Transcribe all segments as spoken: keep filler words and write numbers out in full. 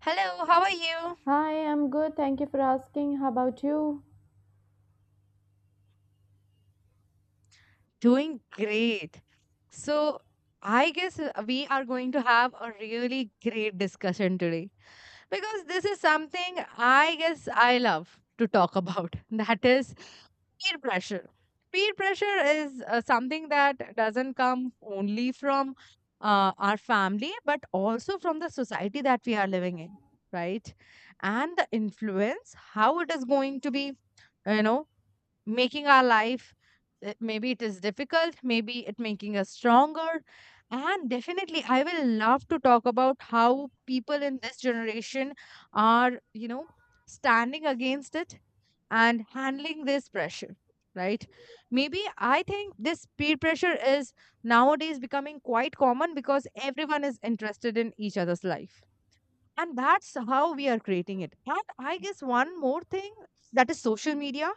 Hello, how are you? Hi, I'm good. Thank you for asking. How about you? Doing great. So, I guess uh, we are going to have a really great discussion today because this is something I guess I love to talk about. That is peer pressure. Peer pressure is uh, something that doesn't come only from uh, our family, but also from the society that we are living in, right? And the influence, how it is going to be, you know, making our life uh, maybe it is difficult maybe it making us stronger, and definitely I will love to talk about how people in this generation are you know standing against it and handling this pressure, right? Maybe I think this peer pressure is nowadays becoming quite common because everyone is interested in each other's life, and that's how we are creating it. And I guess one more thing, that is social media,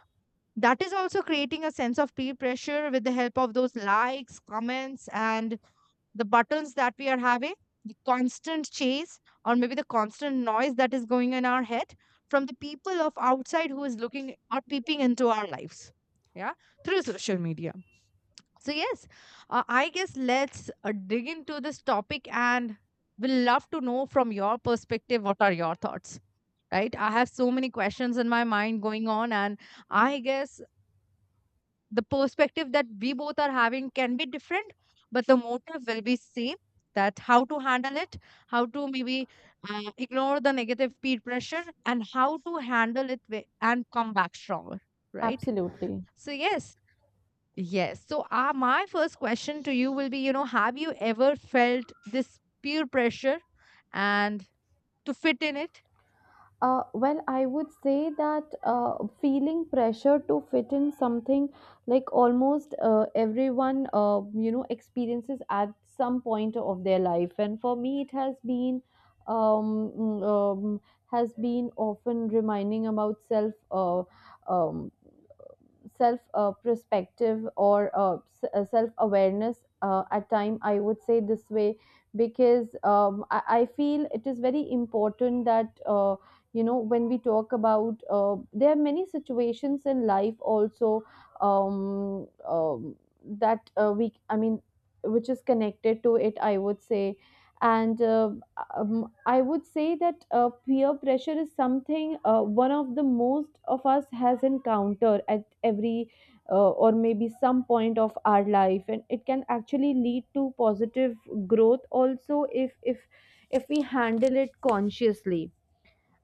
that is also creating a sense of peer pressure with the help of those likes, comments, and the buttons that we are having, the constant chase, or maybe the constant noise that is going in our head from the people of outside who is looking or peeping into our lives. Yeah, through social media. So, yes, uh, I guess let's uh, dig into this topic, and we'll love to know from your perspective what are your thoughts, right? I have so many questions in my mind going on, and I guess the perspective that we both are having can be different, but the motive will be same, that how to handle it, how to maybe uh, ignore the negative peer pressure and how to handle it wi- and come back stronger, right? Absolutely. So yes, yes, so uh, my first question to you will be, you know, have you ever felt this peer pressure and to fit in it? Uh, well, I would say that uh, feeling pressure to fit in something like almost uh, everyone, uh, you know, experiences at some point of their life. And for me, it has been, um, mm, um, has been often reminding about self, uh, um, self uh, perspective or uh, s- uh, self awareness uh, at time I would say this way because um, I, I feel it is very important that uh, you know, when we talk about uh, there are many situations in life also um, um, that uh, we I mean which is connected to it, I would say. And uh, um, I would say that uh, peer pressure is something, uh, one of the most of us has encountered at every uh, or maybe some point of our life, and it can actually lead to positive growth also if if if we handle it consciously.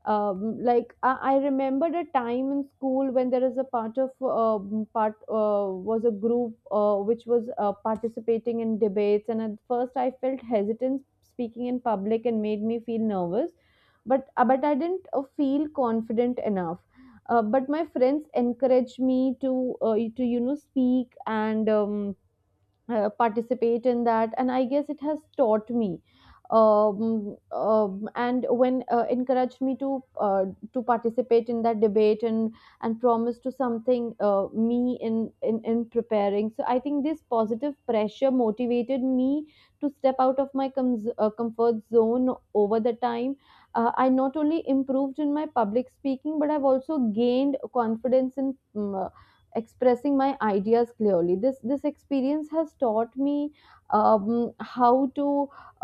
um, Like I, I remembered a time in school when there is a part of um, part uh, was a group uh, which was uh, participating in debates, and at first I felt hesitant speaking in public and made me feel nervous, but uh, but I didn't uh, feel confident enough. Uh, but my friends encouraged me to uh, to you know, speak and um, uh, participate in that, and I guess it has taught me. Um, um, and when uh, encouraged me to uh, to participate in that debate and and promise to something uh, me in, in in preparing. So I think this positive pressure motivated me to step out of my com- uh, comfort zone. Over the time, uh, I not only improved in my public speaking, but I've also gained confidence in mm, uh, expressing my ideas clearly. This this experience has taught me um, how to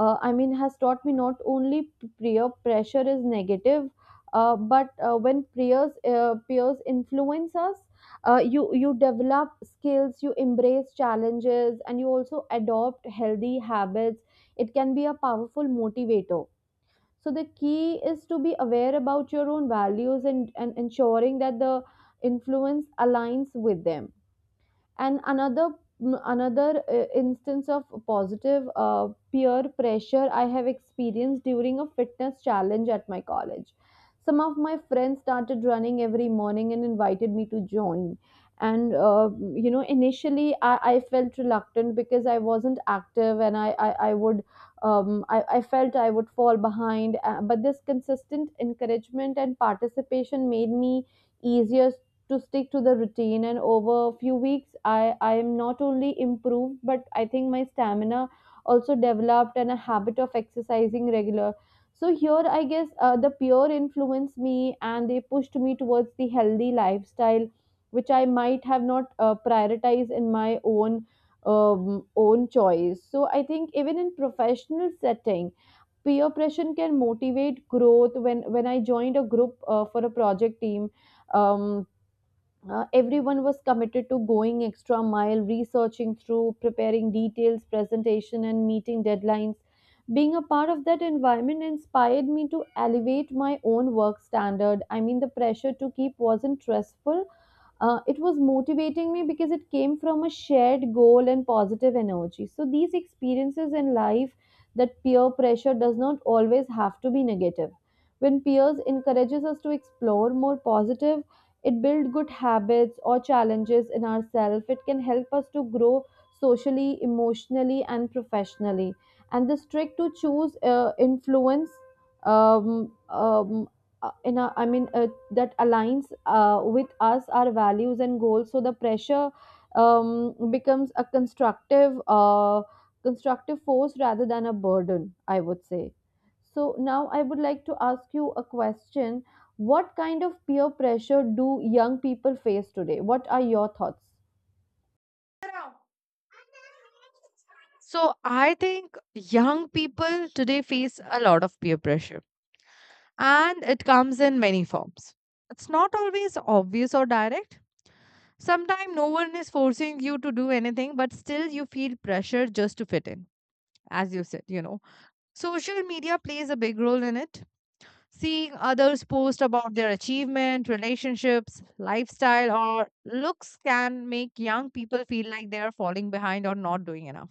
uh, I mean has taught me not only p- peer pressure is negative, uh, but uh, when peers uh, peers influence us, uh, you you develop skills, you embrace challenges, and you also adopt healthy habits. It can be a powerful motivator. So the key is to be aware about your own values, and, and ensuring that the influence aligns with them. And another mm, another uh, instance of positive uh, peer pressure I have experienced during a fitness challenge at my college. Some of my friends started running every morning and invited me to join. And uh, you know, initially I, I felt reluctant because I wasn't active, and i i, I would um, I, I felt I would fall behind. Uh, but this consistent encouragement and participation made me easier to stick to the routine, and over a few weeks, i i am not only improved, but I think my stamina also developed and a habit of exercising regular. So here, I guess uh, the peer influenced me, and they pushed me towards the healthy lifestyle, which I might have not uh, prioritized in my own um, own choice. So I think even in professional setting, peer pressure can motivate growth. When when I joined a group uh, for a project team um, uh, everyone was committed to going extra mile, researching through, preparing details presentation, and meeting deadlines. Being a part of that environment inspired me to elevate my own work standard. I mean, the pressure to keep wasn't stressful. Uh, it was motivating me because it came from a shared goal and positive energy. So, these experiences in life that peer pressure does not always have to be negative. When peers encourages us to explore more positive, it builds good habits or challenges in ourselves. It can help us to grow socially, emotionally, and professionally. And the trick to choose uh, influence um, um, uh, in a, I mean, uh, that aligns uh, with us our values and goals, so the pressure um, becomes a constructive uh, constructive force rather than a burden, I would say. So now I would like to ask you a question. What kind of peer pressure do young people face today? What are your thoughts? So I think young people today face a lot of peer pressure, and it comes in many forms. It's not always obvious or direct. Sometimes no one is forcing you to do anything, but still you feel pressure just to fit in, as you said, you know. Social media plays a big role in it. Seeing others post about their achievement, relationships, lifestyle, or looks can make young people feel like they are falling behind or not doing enough.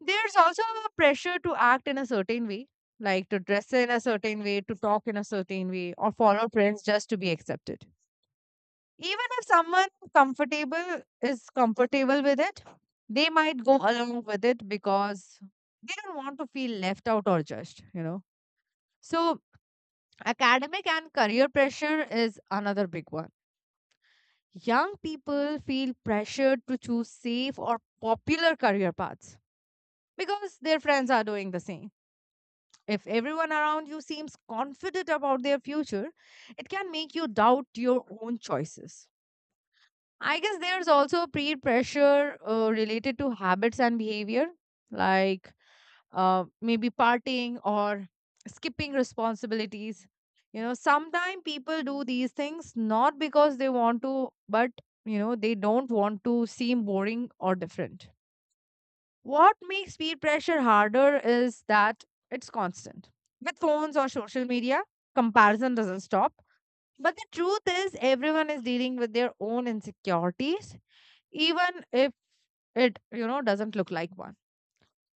There's also a pressure to act in a certain way, like to dress in a certain way, to talk in a certain way, or follow trends just to be accepted. Even if someone comfortable is comfortable with it, they might go along with it because they don't want to feel left out or judged, you know. So, academic and career pressure is another big one. Young people feel pressured to choose safe or popular career paths because their friends are doing the same. If everyone around you seems confident about their future, it can make you doubt your own choices. I guess there's also peer pressure uh, related to habits and behavior, like uh, maybe partying or skipping responsibilities. You know, sometimes people do these things not because they want to, but you know, they don't want to seem boring or different. What makes peer pressure harder is that it's constant. With phones or social media, comparison doesn't stop. But the truth is, everyone is dealing with their own insecurities, even if it, you know, doesn't look like one.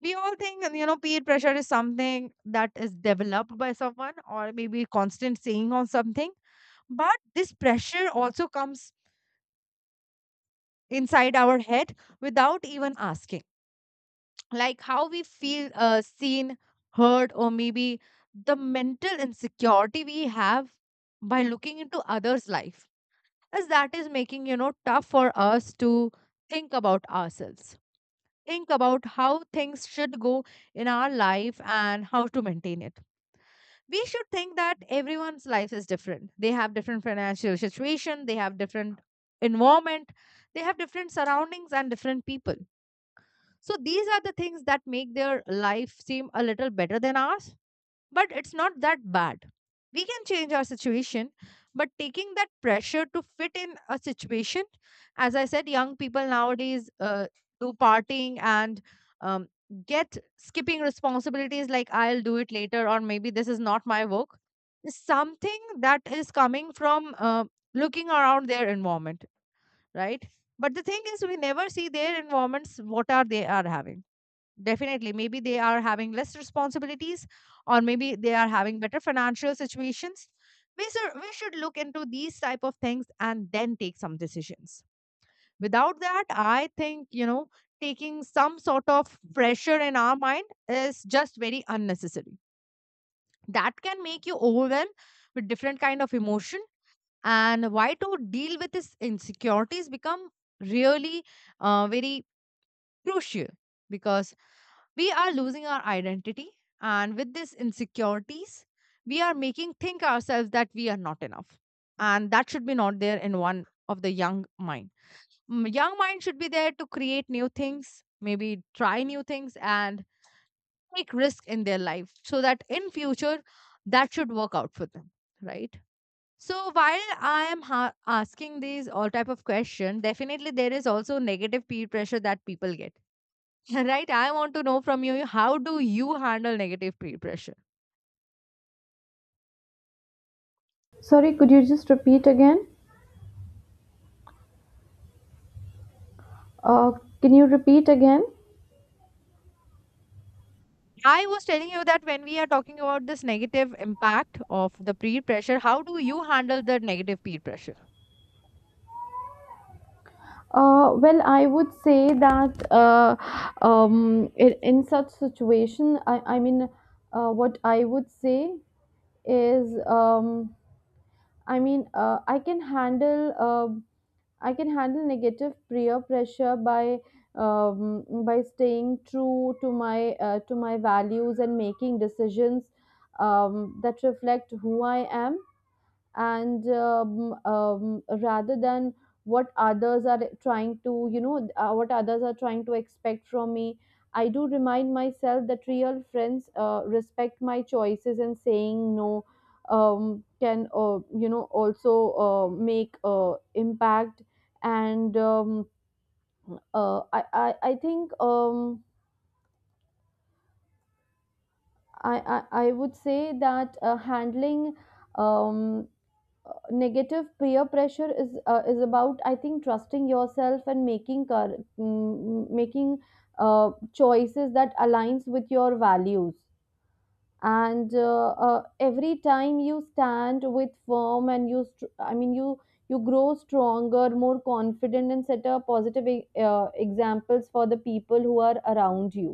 We all think, you know, peer pressure is something that is developed by someone or maybe constant saying on something. But this pressure also comes inside our head without even asking. Like how we feel uh, seen, heard, or maybe the mental insecurity we have by looking into others' life, as that is making, you know, tough for us to think about ourselves, think about how things should go in our life and how to maintain it. We should think that everyone's life is different. They have different financial situation, they have different environment, they have different surroundings and different people, so these are the things that make their life seem a little better than ours, but it's not that bad. We can change our situation, but taking that pressure to fit in a situation, as I said, young people nowadays uh, do partying and um, get skipping responsibilities like I'll do it later or maybe this is not my work. It's something that is coming from uh, looking around their environment, right? But the thing is, we never see their environments, what are they are having. Definitely. Maybe they are having less responsibilities, or maybe they are having better financial situations. We should we should look into these type of things and then take some decisions. Without that, I think, you know, taking some sort of pressure in our mind is just very unnecessary. That can make you overwhelmed with different kind of emotion, and why to deal with these insecurities become really uh, very crucial, because we are losing our identity, and with these insecurities we are making think ourselves that we are not enough, and that should be not there in one of the young mind. Mm, young mind should be there to create new things, maybe try new things and take risk in their life so that in future that should work out for them, right? So while i am ha- asking these all type of question, definitely there is also negative peer pressure that people get. Right? I want to know from you, how do you handle negative peer pressure? Sorry, could you just repeat again? uh, can you repeat again? I was telling you that when we are talking about this negative impact of the peer pressure, how do you handle the negative peer pressure? Uh, well, I would say that uh, um, in, in such situation, I, I mean, uh, what I would say is, um, I mean, uh, I can handle, um I can handle negative peer pressure by um, by staying true to my uh, to my values, and making decisions um, that reflect who I am, and um, um, rather than what others are trying to you know uh, what others are trying to expect from me. I do remind myself that real friends uh, respect my choices, and saying no um, can uh, you know, also uh, make uh, impact. And um, uh, I, I i think um, I, I i would say that uh, handling um, Uh, negative peer pressure is uh, is about, I think, trusting yourself and making cor- mm, making uh, choices that aligns with your values, and uh, uh, every time you stand with firm and you str- i mean you you grow stronger, more confident, and set a positive e- uh, examples for the people who are around you.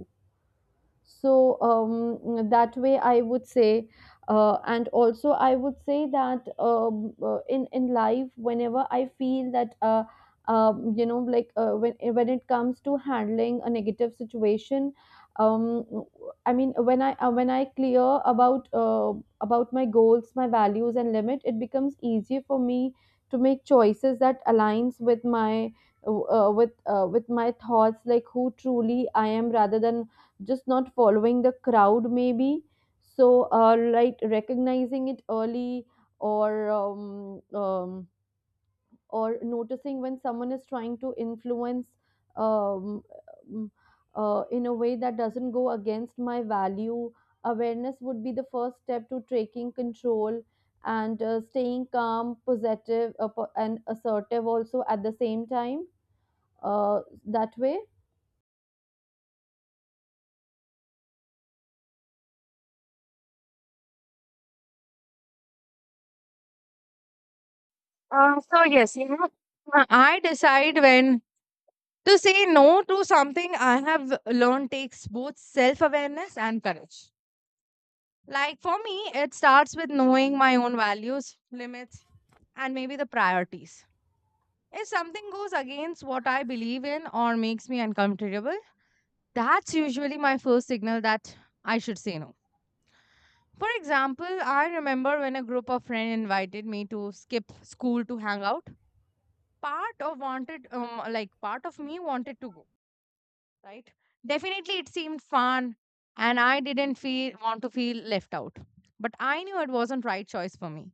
So um, that way, I would say. Uh, and also I would say that um, uh, in in life, whenever I feel that uh, um, you know, like uh, when when it comes to handling a negative situation um, I mean, when I uh, when I clear about uh, about my goals, my values and limit, it becomes easier for me to make choices that aligns with my uh, uh, with uh, with my thoughts, like who truly I am, rather than just not following the crowd, maybe. So uh, like recognizing it early, or um, um, or noticing when someone is trying to influence um, um, uh, in a way that doesn't go against my value. Awareness would be the first step to taking control. And uh, staying calm, positive, uh, po- and assertive also at the same time. Uh, that way. Uh, so yes, you know, Uh, I decide when to say no to something I have learned takes both self awareness and courage. Like for me, it starts with knowing my own values, limits, and maybe the priorities. If something goes against what I believe in or makes me uncomfortable, that's usually my first signal that I should say no. For example, I remember when a group of friends invited me to skip school to hang out. Part of wanted, um, like part of me wanted to go, right? Definitely, it seemed fun, and I didn't feel want to feel left out. But I knew it wasn't right choice for me.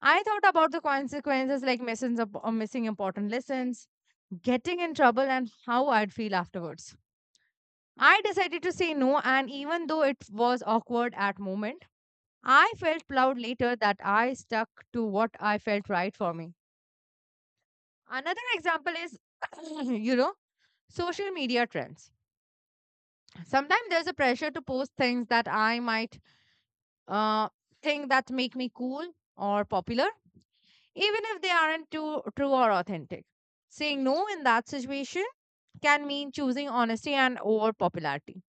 I thought about the consequences, like missing up or missing important lessons, getting in trouble, and how I'd feel afterwards. I decided to say no, and even though it was awkward at moment, I felt proud later that I stuck to what I felt right for me. Another example is, you know, social media trends. Sometimes there's a pressure to post things that I might uh, think that make me cool or popular, even if they aren't too true or authentic. Saying no in that situation can mean choosing honesty and over popularity,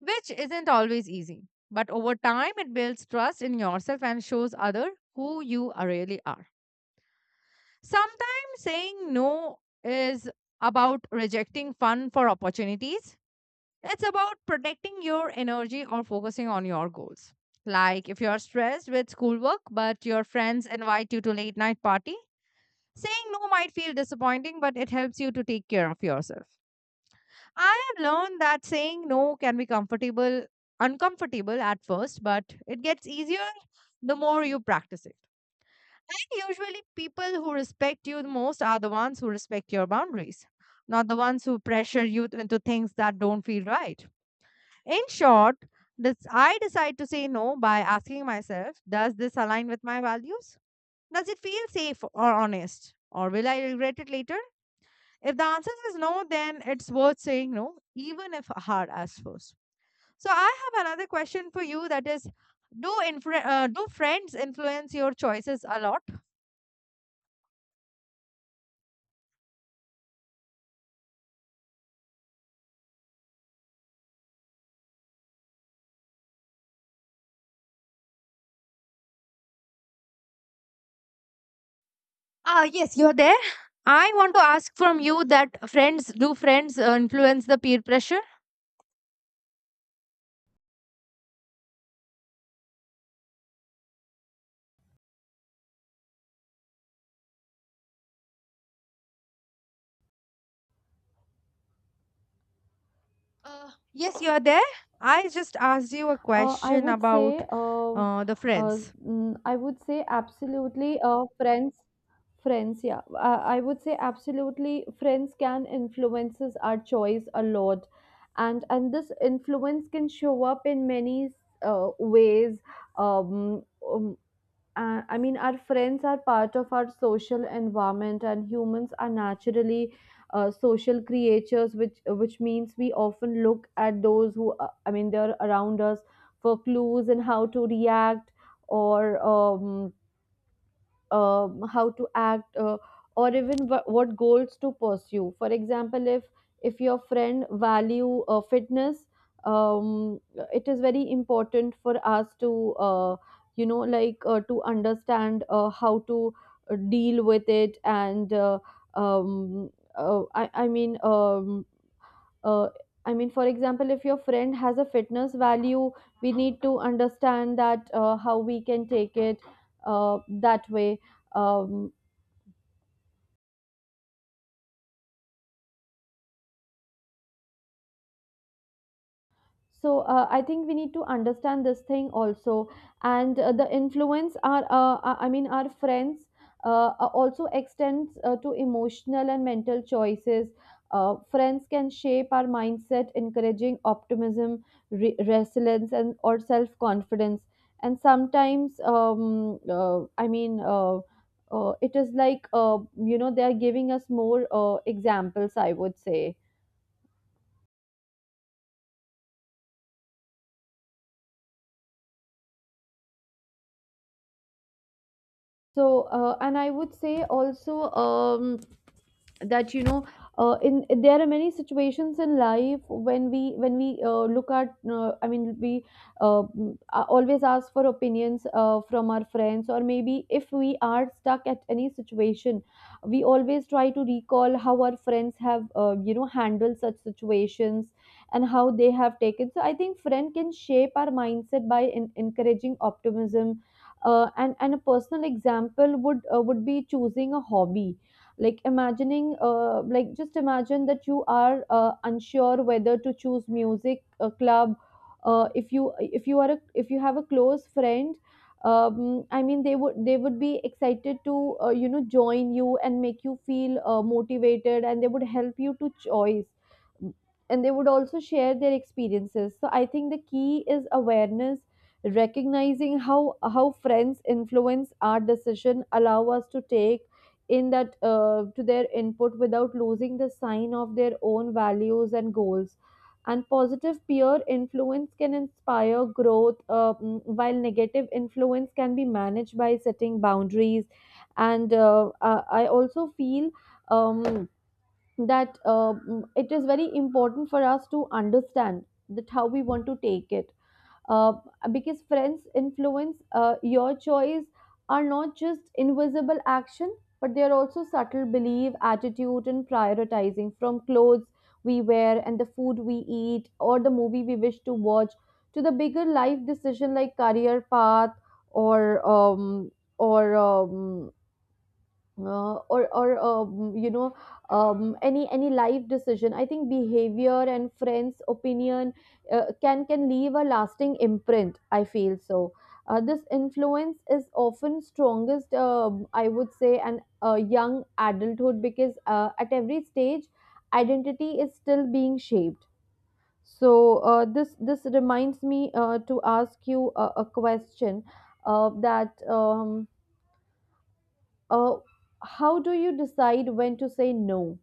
which isn't always easy. But over time, it builds trust in yourself and shows other who you are really are. Sometimes saying no is about rejecting fun for opportunities. It's about protecting your energy or focusing on your goals. Like if you're stressed with schoolwork, but your friends invite you to late night party, saying no might feel disappointing, but it helps you to take care of yourself. I have learned that saying no can be comfortable, uncomfortable at first, but it gets easier the more you practice it. And usually, people who respect you the most are the ones who respect your boundaries, not the ones who pressure you into things that don't feel right. In short, this I decide to say no by asking myself, does this align with my values? Does it feel safe or honest? Or will I regret it later? If the answer is no, then it's worth saying no, even if hard as first. So I have another question for you, that is, do influ- uh, do friends influence your choices a lot? Ah, yes, you're there. I want to ask from you that friends, do friends uh, influence the peer pressure? Uh, yes, you're there. I just asked you a Uh, I question would say, about um, uh, the uh, friends. mm, I would say, absolutely, uh, friends, friends. Yeah, uh, I would say absolutely, friends can influences our choice a lot, and and this influence can show up in many uh, ways. Um, um, uh, I mean, our friends are part of our social environment, and humans are naturally uh, social creatures, which which means we often look at those who, uh, I mean, they're around us for clues and how to react or um, um, how to act uh, or even wh- what goals to pursue. For example, if if your friend value uh, fitness, um, it is very important for us to uh, you know, like uh, to understand uh, how to uh, deal with it. And uh, um, uh, I, I mean um, uh, I mean, for example, if your friend has a fitness value, we need to understand that uh, how we can take it uh, that way. um, so uh, I think we need to understand this thing also. And uh, the influence our uh, uh, i mean our friends uh, uh, also extends uh, to emotional and mental choices. Uh, friends can shape our mindset, encouraging optimism, re- resilience, and or self confidence. And sometimes um, uh, i mean uh, uh, it is like, uh, you know, they are giving us more uh, examples, I would say. So, uh, and I would say also, um, that you know, uh, in there are many situations in life when we when we uh, look at uh, i mean we uh, mm, a- always ask for opinions uh, from our friends, or maybe if we are stuck at any situation, we always try to recall how our friends have uh, you know, handled such situations, and how they have taken. So I think friend can shape our mindset by in- encouraging optimism. uh, and and a personal example would uh, would be choosing a hobby. Like imagining uh, like just imagine that you are uh, unsure whether to choose music a club. Uh, if you if you are a, if you have a close friend um, I mean, they would they would be excited to uh, you know, join you and make you feel uh, motivated, and they would help you to choice, and they would also share their experiences. So I think the key is awareness. Recognizing how how friends influence our decision allow us to take in that uh, to their input without losing the sign of their own values and goals. And positive peer influence can inspire growth uh, mm, while negative influence can be managed by setting boundaries. And uh, i I also feel um, that uh, mm, it is very important for us to understand that how we want to take it. uh, because friends influence uh, your choice are not just invisible action, but they are also subtle belief attitude and prioritizing From clothes we wear and the food we eat, or the movie we wish to watch, to the bigger life decision like career path or um, or um, uh, or or um, you know um, any any life decision. I think behavior and friends opinion uh, can can leave a lasting imprint, I feel so. Uh, this influence is often strongest, um, I would say, and uh, young adulthood, because uh, at every stage identity is still being shaped. So uh, this this reminds me uh, to ask you a, a question, uh, that um, uh, how do you decide when to say no?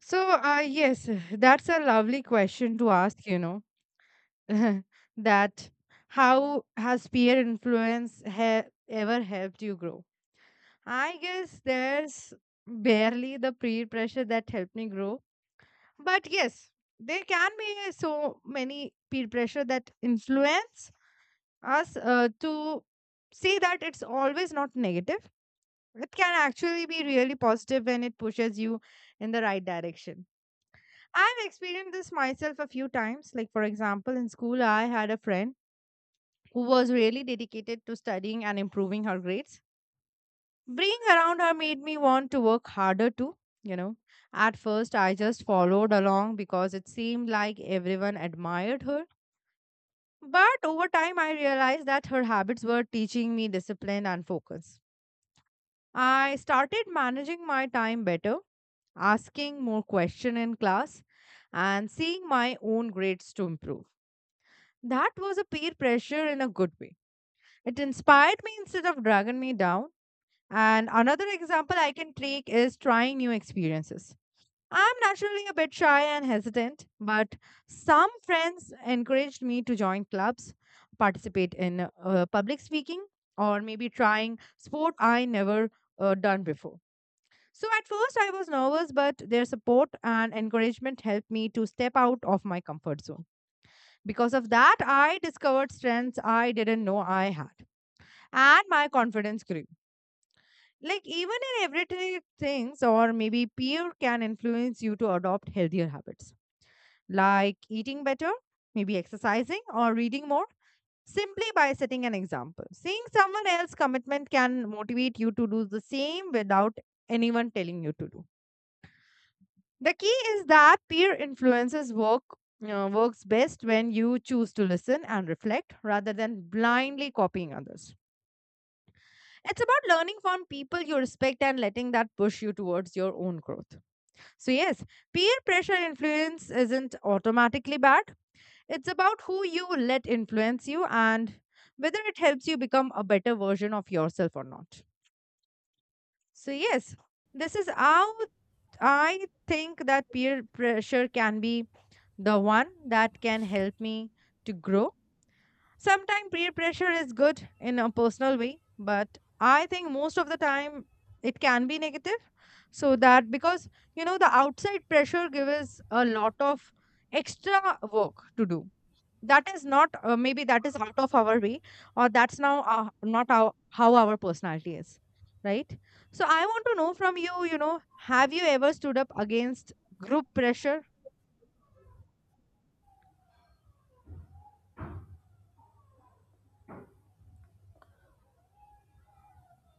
So, uh, yes, that's a lovely question to ask, you know, that how has peer influence he- ever helped you grow? I guess there's barely the peer pressure that helped me grow. But yes, there can be so many peer pressure that influence us uh, to see that it's always not negative. It can actually be really positive when it pushes you in the right direction. I've experienced this myself a few times. Like, for example, in school, I had a friend who was really dedicated to studying and improving her grades. Being around her made me want to work harder too, you know. At first I just followed along because it seemed like everyone admired her, but over time I realized that her habits were teaching me discipline and focus. I started managing my time better, asking more questions in class, and seeing my own grades to improve. That was a peer pressure in a good way. It inspired me instead of dragging me down. And another example I can take is trying new experiences. I'm naturally a bit shy and hesitant, but some friends encouraged me to join clubs, participate in uh, public speaking, or maybe trying sport I never uh, done before. So at first I was nervous, but their support and encouragement helped me to step out of my comfort zone. Because of that, I discovered strengths I didn't know I had, and my confidence grew. Like even in everyday things, or maybe peer can influence you to adopt healthier habits. Like eating better, maybe exercising or reading more, simply by setting an example. Seeing someone else's commitment can motivate you to do the same without anyone telling you to do. The key is that peer influences work, uh, works best when you choose to listen and reflect rather than blindly copying others. It's about learning from people you respect and letting that push you towards your own growth. So, yes, peer pressure influence isn't automatically bad. It's about who you let influence you and whether it helps you become a better version of yourself or not. So, yes, this is how I think that peer pressure can be the one that can help me to grow. Sometimes peer pressure is good in a personal way, but I think most of the time it can be negative. So that because, you know, the outside pressure gives a lot of extra work to do. That is not uh, maybe that is out of our way, or that's now uh, not our, how our personality is, right? So I want to know from you, you know, have you ever stood up against group pressure?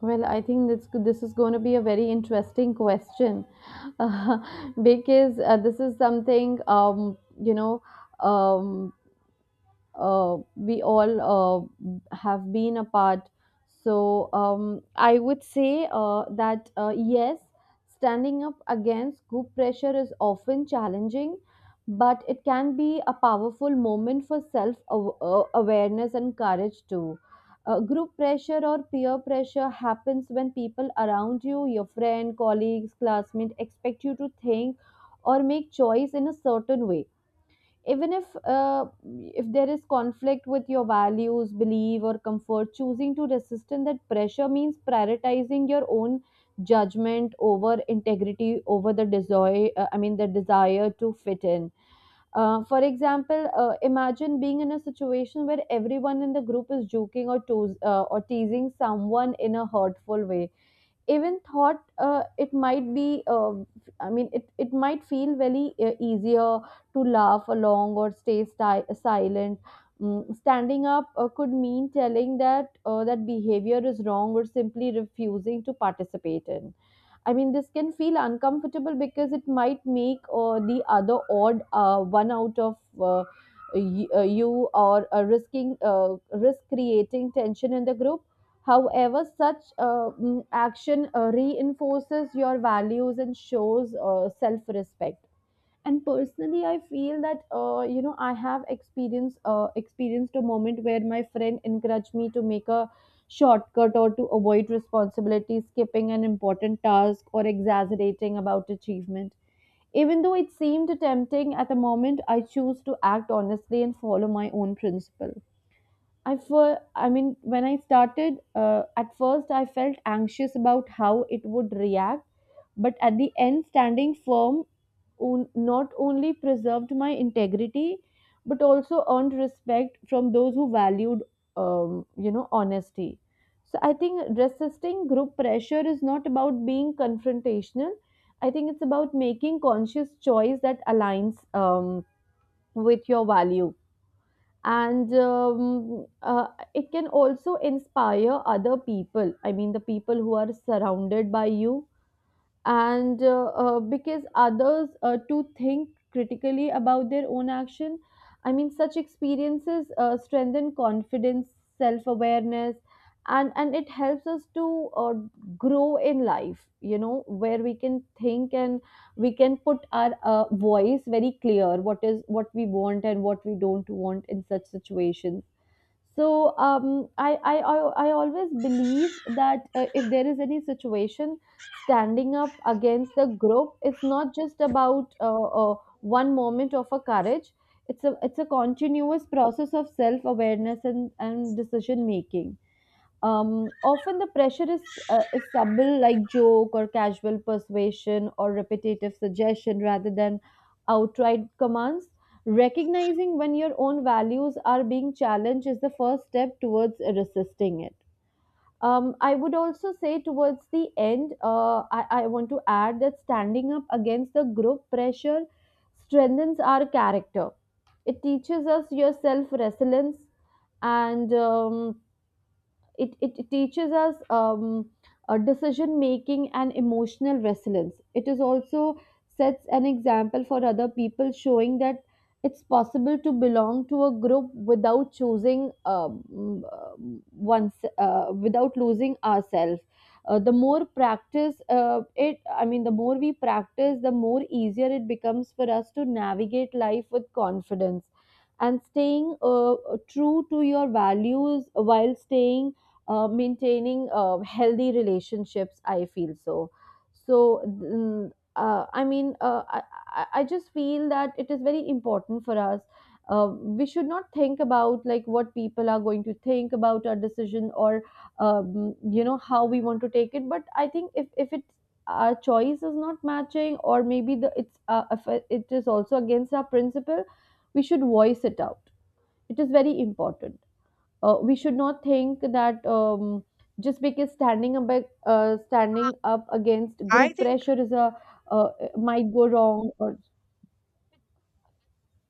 Well, I think this this is going to be a very interesting question because uh, this is something, um, you know, um, uh, we all uh, have been apart. So um, I would say uh, that uh, yes, standing up against group pressure is often challenging, but it can be a powerful moment for self aw- uh, awareness and courage too. Uh, group pressure or peer pressure happens when people around you, your friend, colleagues, classmates, expect you to think or make choice in a certain way, even if uh, if there is conflict with your values belief or comfort. Choosing to resist in that pressure means prioritizing your own judgment over integrity, over the desire, uh, i mean the desire to fit in. Uh, for example, uh, imagine being in a situation where everyone in the group is joking, or toes, uh, or teasing someone in a hurtful way. Even thought uh, it might be uh, I mean it, it might feel very uh, easier to laugh along or stay sti- silent. Mm, standing up uh, could mean telling that uh, that behavior is wrong, or simply refusing to participate in. I mean, this can feel uncomfortable because it might make uh, the other odd uh, one out of uh, y- uh, you, or uh, risking uh, risk creating tension in the group. However, such uh, mm, action uh, reinforces your values and shows uh, self respect. And personally, I feel that, uh, you know, I have experienced uh, experienced a moment where my friend encouraged me to make a shortcut, or to avoid responsibility, skipping an important task, or exaggerating about achievement. Even though it seemed tempting at the moment, I choose to act honestly and follow my own principle. I for I mean, when I started, uh, at first I felt anxious about how it would react, but at the end, standing firm on- not only preserved my integrity, but also earned respect from those who valued, um, you know, honesty. So I think resisting group pressure is not about being confrontational. I think it's about making conscious choice that aligns um, with your value, and um, uh, it can also inspire other people, I mean the people who are surrounded by you, and uh, uh, because others uh, to think critically about their own action. I mean, such experiences uh, strengthen confidence, self awareness, and and it helps us to uh, grow in life, you know, where we can think and we can put our uh, voice very clear, what is what we want and what we don't want in such situations. So um, I, I, I, I always believe that, uh, if there is any situation, standing up against the group, it's not just about uh, uh, one moment of a courage. It's a it's a continuous process of self awareness and, and decision making. Um, often the pressure is, uh, is subtle, like joke or casual persuasion or repetitive suggestion rather than outright commands. Recognizing when your own values are being challenged is the first step towards resisting it. Um, I would also say towards the end, uh, I, I want to add that standing up against the group pressure strengthens our character. It teaches us your self resilience, and um, it, it it teaches us, um, a decision making and emotional resilience. It is also sets an example for other people, showing that it's possible to belong to a group without choosing um, um, once uh, without losing ourselves. Uh, the more practice uh, it, I mean, the more we practice, the more easier it becomes for us to navigate life with confidence and staying uh, true to your values, while staying uh, maintaining uh, healthy relationships, I feel so. So mm, uh, i mean uh, I, I I just feel that it is very important for us, uh, we should not think about like what people are going to think about our decision, or um, you know, how we want to take it. But I think if, if it's, our choice is not matching, or maybe the it's uh, if it is also against our principle, we should voice it out. It is very important. Uh, we should not think that, um, just because standing up ag- uh, standing up against I group think, pressure is a, uh, might go wrong, or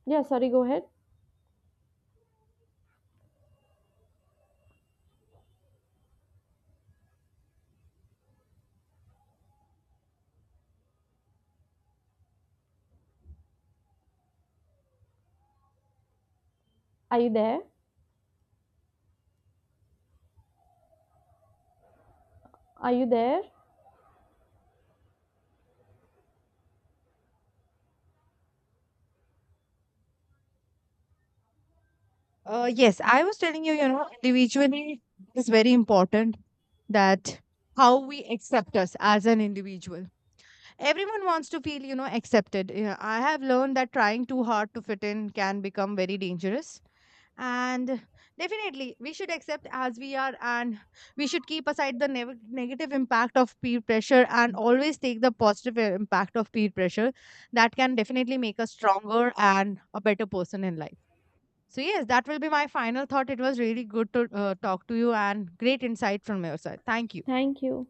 yeah, sorry, go ahead. Are you there? Are you there? Uh, yes, I was telling you, you know, individually is very important that how we accept us as an individual. Everyone wants to feel, you know, accepted. Yeah, I have learned that trying too hard to fit in can become very dangerous. And definitely, we should accept as we are, and we should keep aside the nev- negative impact of peer pressure and always take the positive i- impact of peer pressure. That can definitely make us stronger and a better person in life. So, yes, that will be my final thought. It was really good to uh, talk to you and great insight from your side. Thank you. Thank you.